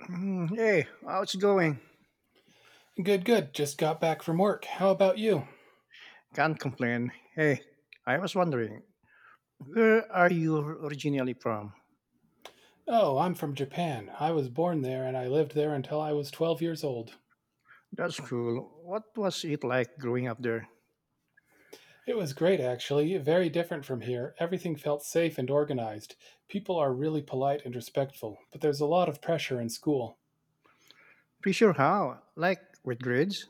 Hey, how's it going? Good, good. Just got back from work. How about you? Can't complain. Hey, I was wondering, where are you originally from? Oh, I'm from Japan. I was born there and I lived there until I was 12 years old. That's cool. What was it like growing up there? It was great, actually. Very different from here. Everything felt safe and organized. People are really polite and respectful, but there's a lot of pressure in school. Pretty sure how? Like with grades?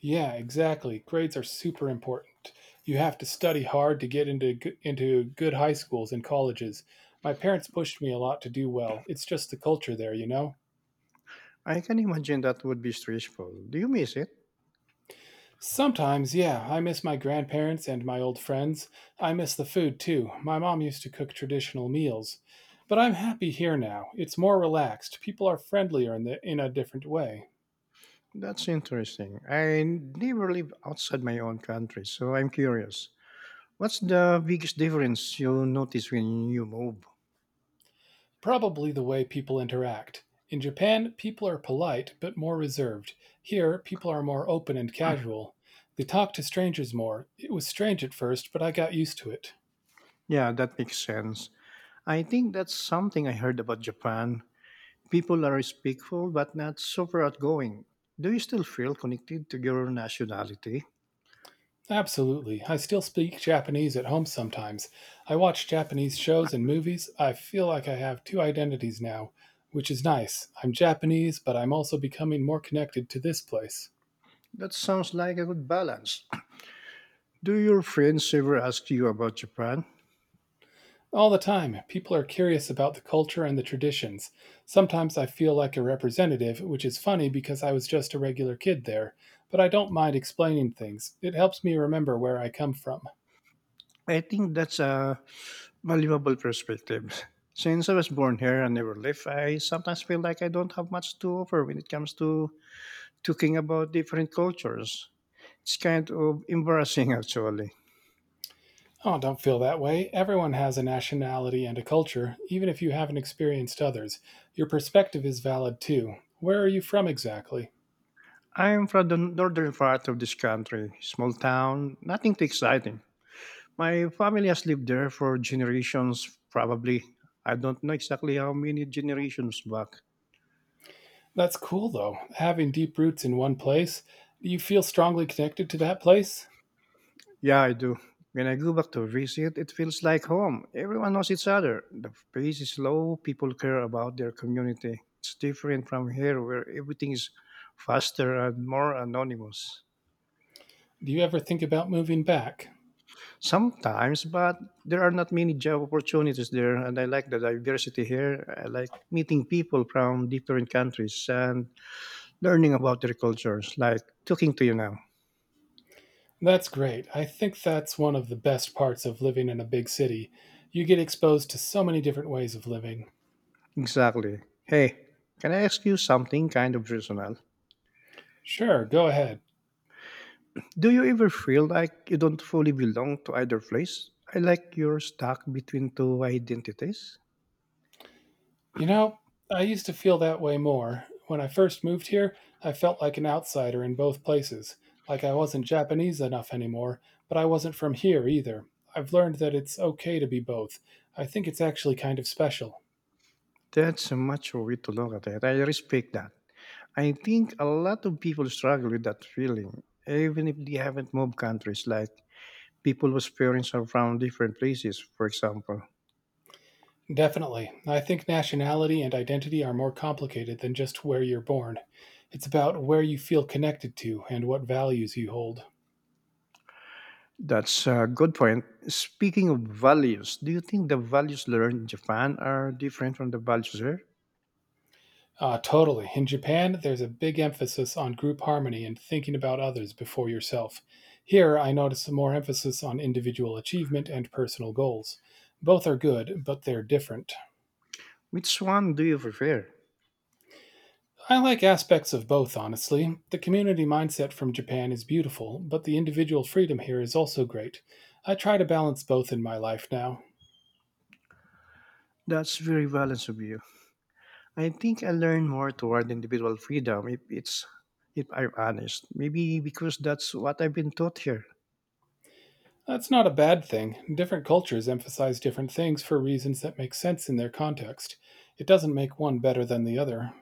Yeah, exactly. Grades are super important. You have to study hard to get into good high schools and colleges. My parents pushed me a lot to do well. It's just the culture there, you know. I can imagine that would be stressful. Do you miss it? Sometimes, yeah, I miss my grandparents and my old friends. I miss the food too. My mom used to cook traditional meals. But I'm happy here now. It's more relaxed. People are friendlier in a different way. That's interesting. I never live outside my own country, so I'm curious. What's the biggest difference you notice when you move? Probably the way people interact. In Japan, people are polite but more reserved. Here, people are more open and casual. They talk to strangers more. It was strange at first, but I got used to it. Yeah, that makes sense. I think that's something I heard about Japan. People are respectful but not super outgoing. Do you still feel connected to your nationality? Absolutely. I still speak Japanese at home sometimes. I watch Japanese shows and movies. I feel like I have two identities now, which is nice. I'm Japanese, but I'm also becoming more connected to this place. That sounds like a good balance. Do your friends ever ask you about Japan? All the time, people are curious about the culture and the traditions. Sometimes I feel like a representative, which is funny because I was just a regular kid there, but I don't mind explaining things. It helps me remember where I come from. I think that's a valuable perspective. Since I was born here and never left, I sometimes feel like I don't have much to offer when it comes to talking about different cultures. It's kind of embarrassing, actually. Oh, don't feel that way. Everyone has a nationality and a culture, even if you haven't experienced others. Your perspective is valid too. Where are you from exactly? I'm from the northern part of this country, small town, nothing too exciting. My family has lived there for generations, probably. I don't know exactly how many generations back. That's cool though, having deep roots in one place. Do you feel strongly connected to that place? Yeah, I do. When I go back to visit, it feels like home. Everyone knows each other. The pace is slow, people care about their community. It's different from here where everything is faster and more anonymous. Do you ever think about moving back? Sometimes, but there are not many job opportunities there, and I like the diversity here. I like meeting people from different countries and learning about their cultures, like talking to you now. That's great. I think that's one of the best parts of living in a big city. You get exposed to so many different ways of living. Exactly. Hey, can I ask you something kind of personal? Sure, go ahead. Do you ever feel like you don't fully belong to either place? I like you're stuck between two identities. You know, I used to feel that way more. When I first moved here, I felt like an outsider in both places, like I wasn't Japanese enough anymore, but I wasn't from here either. I've learned that it's okay to be both. I think it's actually kind of special. That's a mature way to look at it. I respect that. I think a lot of people struggle with that feeling, even if they haven't moved countries, like people whose parents are from different places, for example. Definitely. I think nationality and identity are more complicated than just where you're born. It's about where you feel connected to and what values you hold. That's a good point. Speaking of values, do you think the values learned in Japan are different from the values here? Totally. In Japan, there's a big emphasis on group harmony and thinking about others before yourself. Here, I notice more emphasis on individual achievement and personal goals. Both are good, but they're different. Which one do you prefer? I like aspects of both, honestly. The community mindset from Japan is beautiful, but the individual freedom here is also great. I try to balance both in my life now. That's very balanced of you. I think I learn more toward individual freedom if I'm honest. Maybe because that's what I've been taught here. That's not a bad thing. Different cultures emphasize different things for reasons that make sense in their context. It doesn't make one better than the other.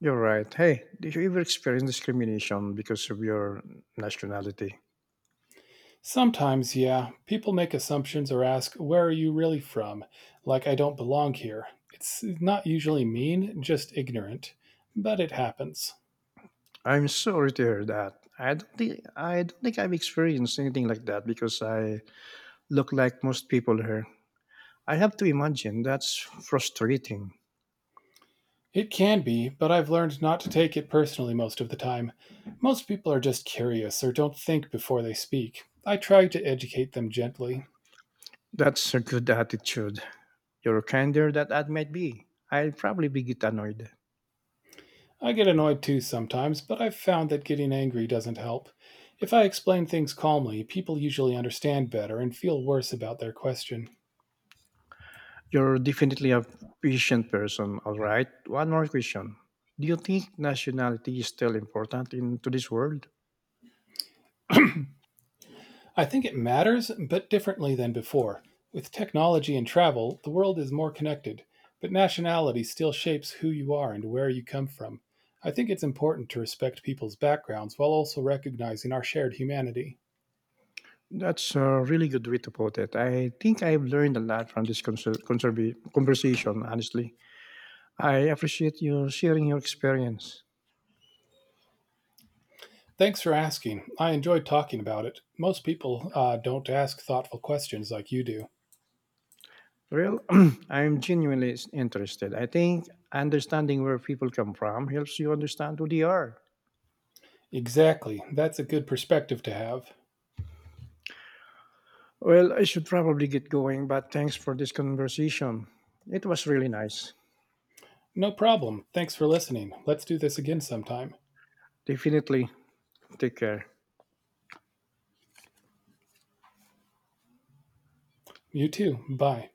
You're right. Hey, did you ever experience discrimination because of your nationality? Sometimes, yeah. People make assumptions or ask, where are you really from? Like I don't belong here. It's not usually mean, just ignorant. But it happens. I'm sorry to hear that. I don't think I've experienced anything like that because I look like most people here. I have to imagine that's frustrating. It can be, but I've learned not to take it personally most of the time. Most people are just curious or don't think before they speak. I try to educate them gently. That's a good attitude. You're kinder than I might be. I will probably be get annoyed. I get annoyed too sometimes, but I've found that getting angry doesn't help. If I explain things calmly, people usually understand better and feel worse about their question. You're definitely a patient person, all right? One more question. Do you think nationality is still important in today's world? I think it matters, but differently than before. With technology and travel, the world is more connected, but nationality still shapes who you are and where you come from. I think it's important to respect people's backgrounds while also recognizing our shared humanity. That's a really good way to put it. I think I've learned a lot from this conversation, honestly. I appreciate you sharing your experience. Thanks for asking. I enjoyed talking about it. Most people don't ask thoughtful questions like you do. Well, I'm genuinely interested. I think understanding where people come from helps you understand who they are. Exactly. That's a good perspective to have. Well, I should probably get going, but thanks for this conversation. It was really nice. No problem. Thanks for listening. Let's do this again sometime. Definitely. Take care. You too. Bye.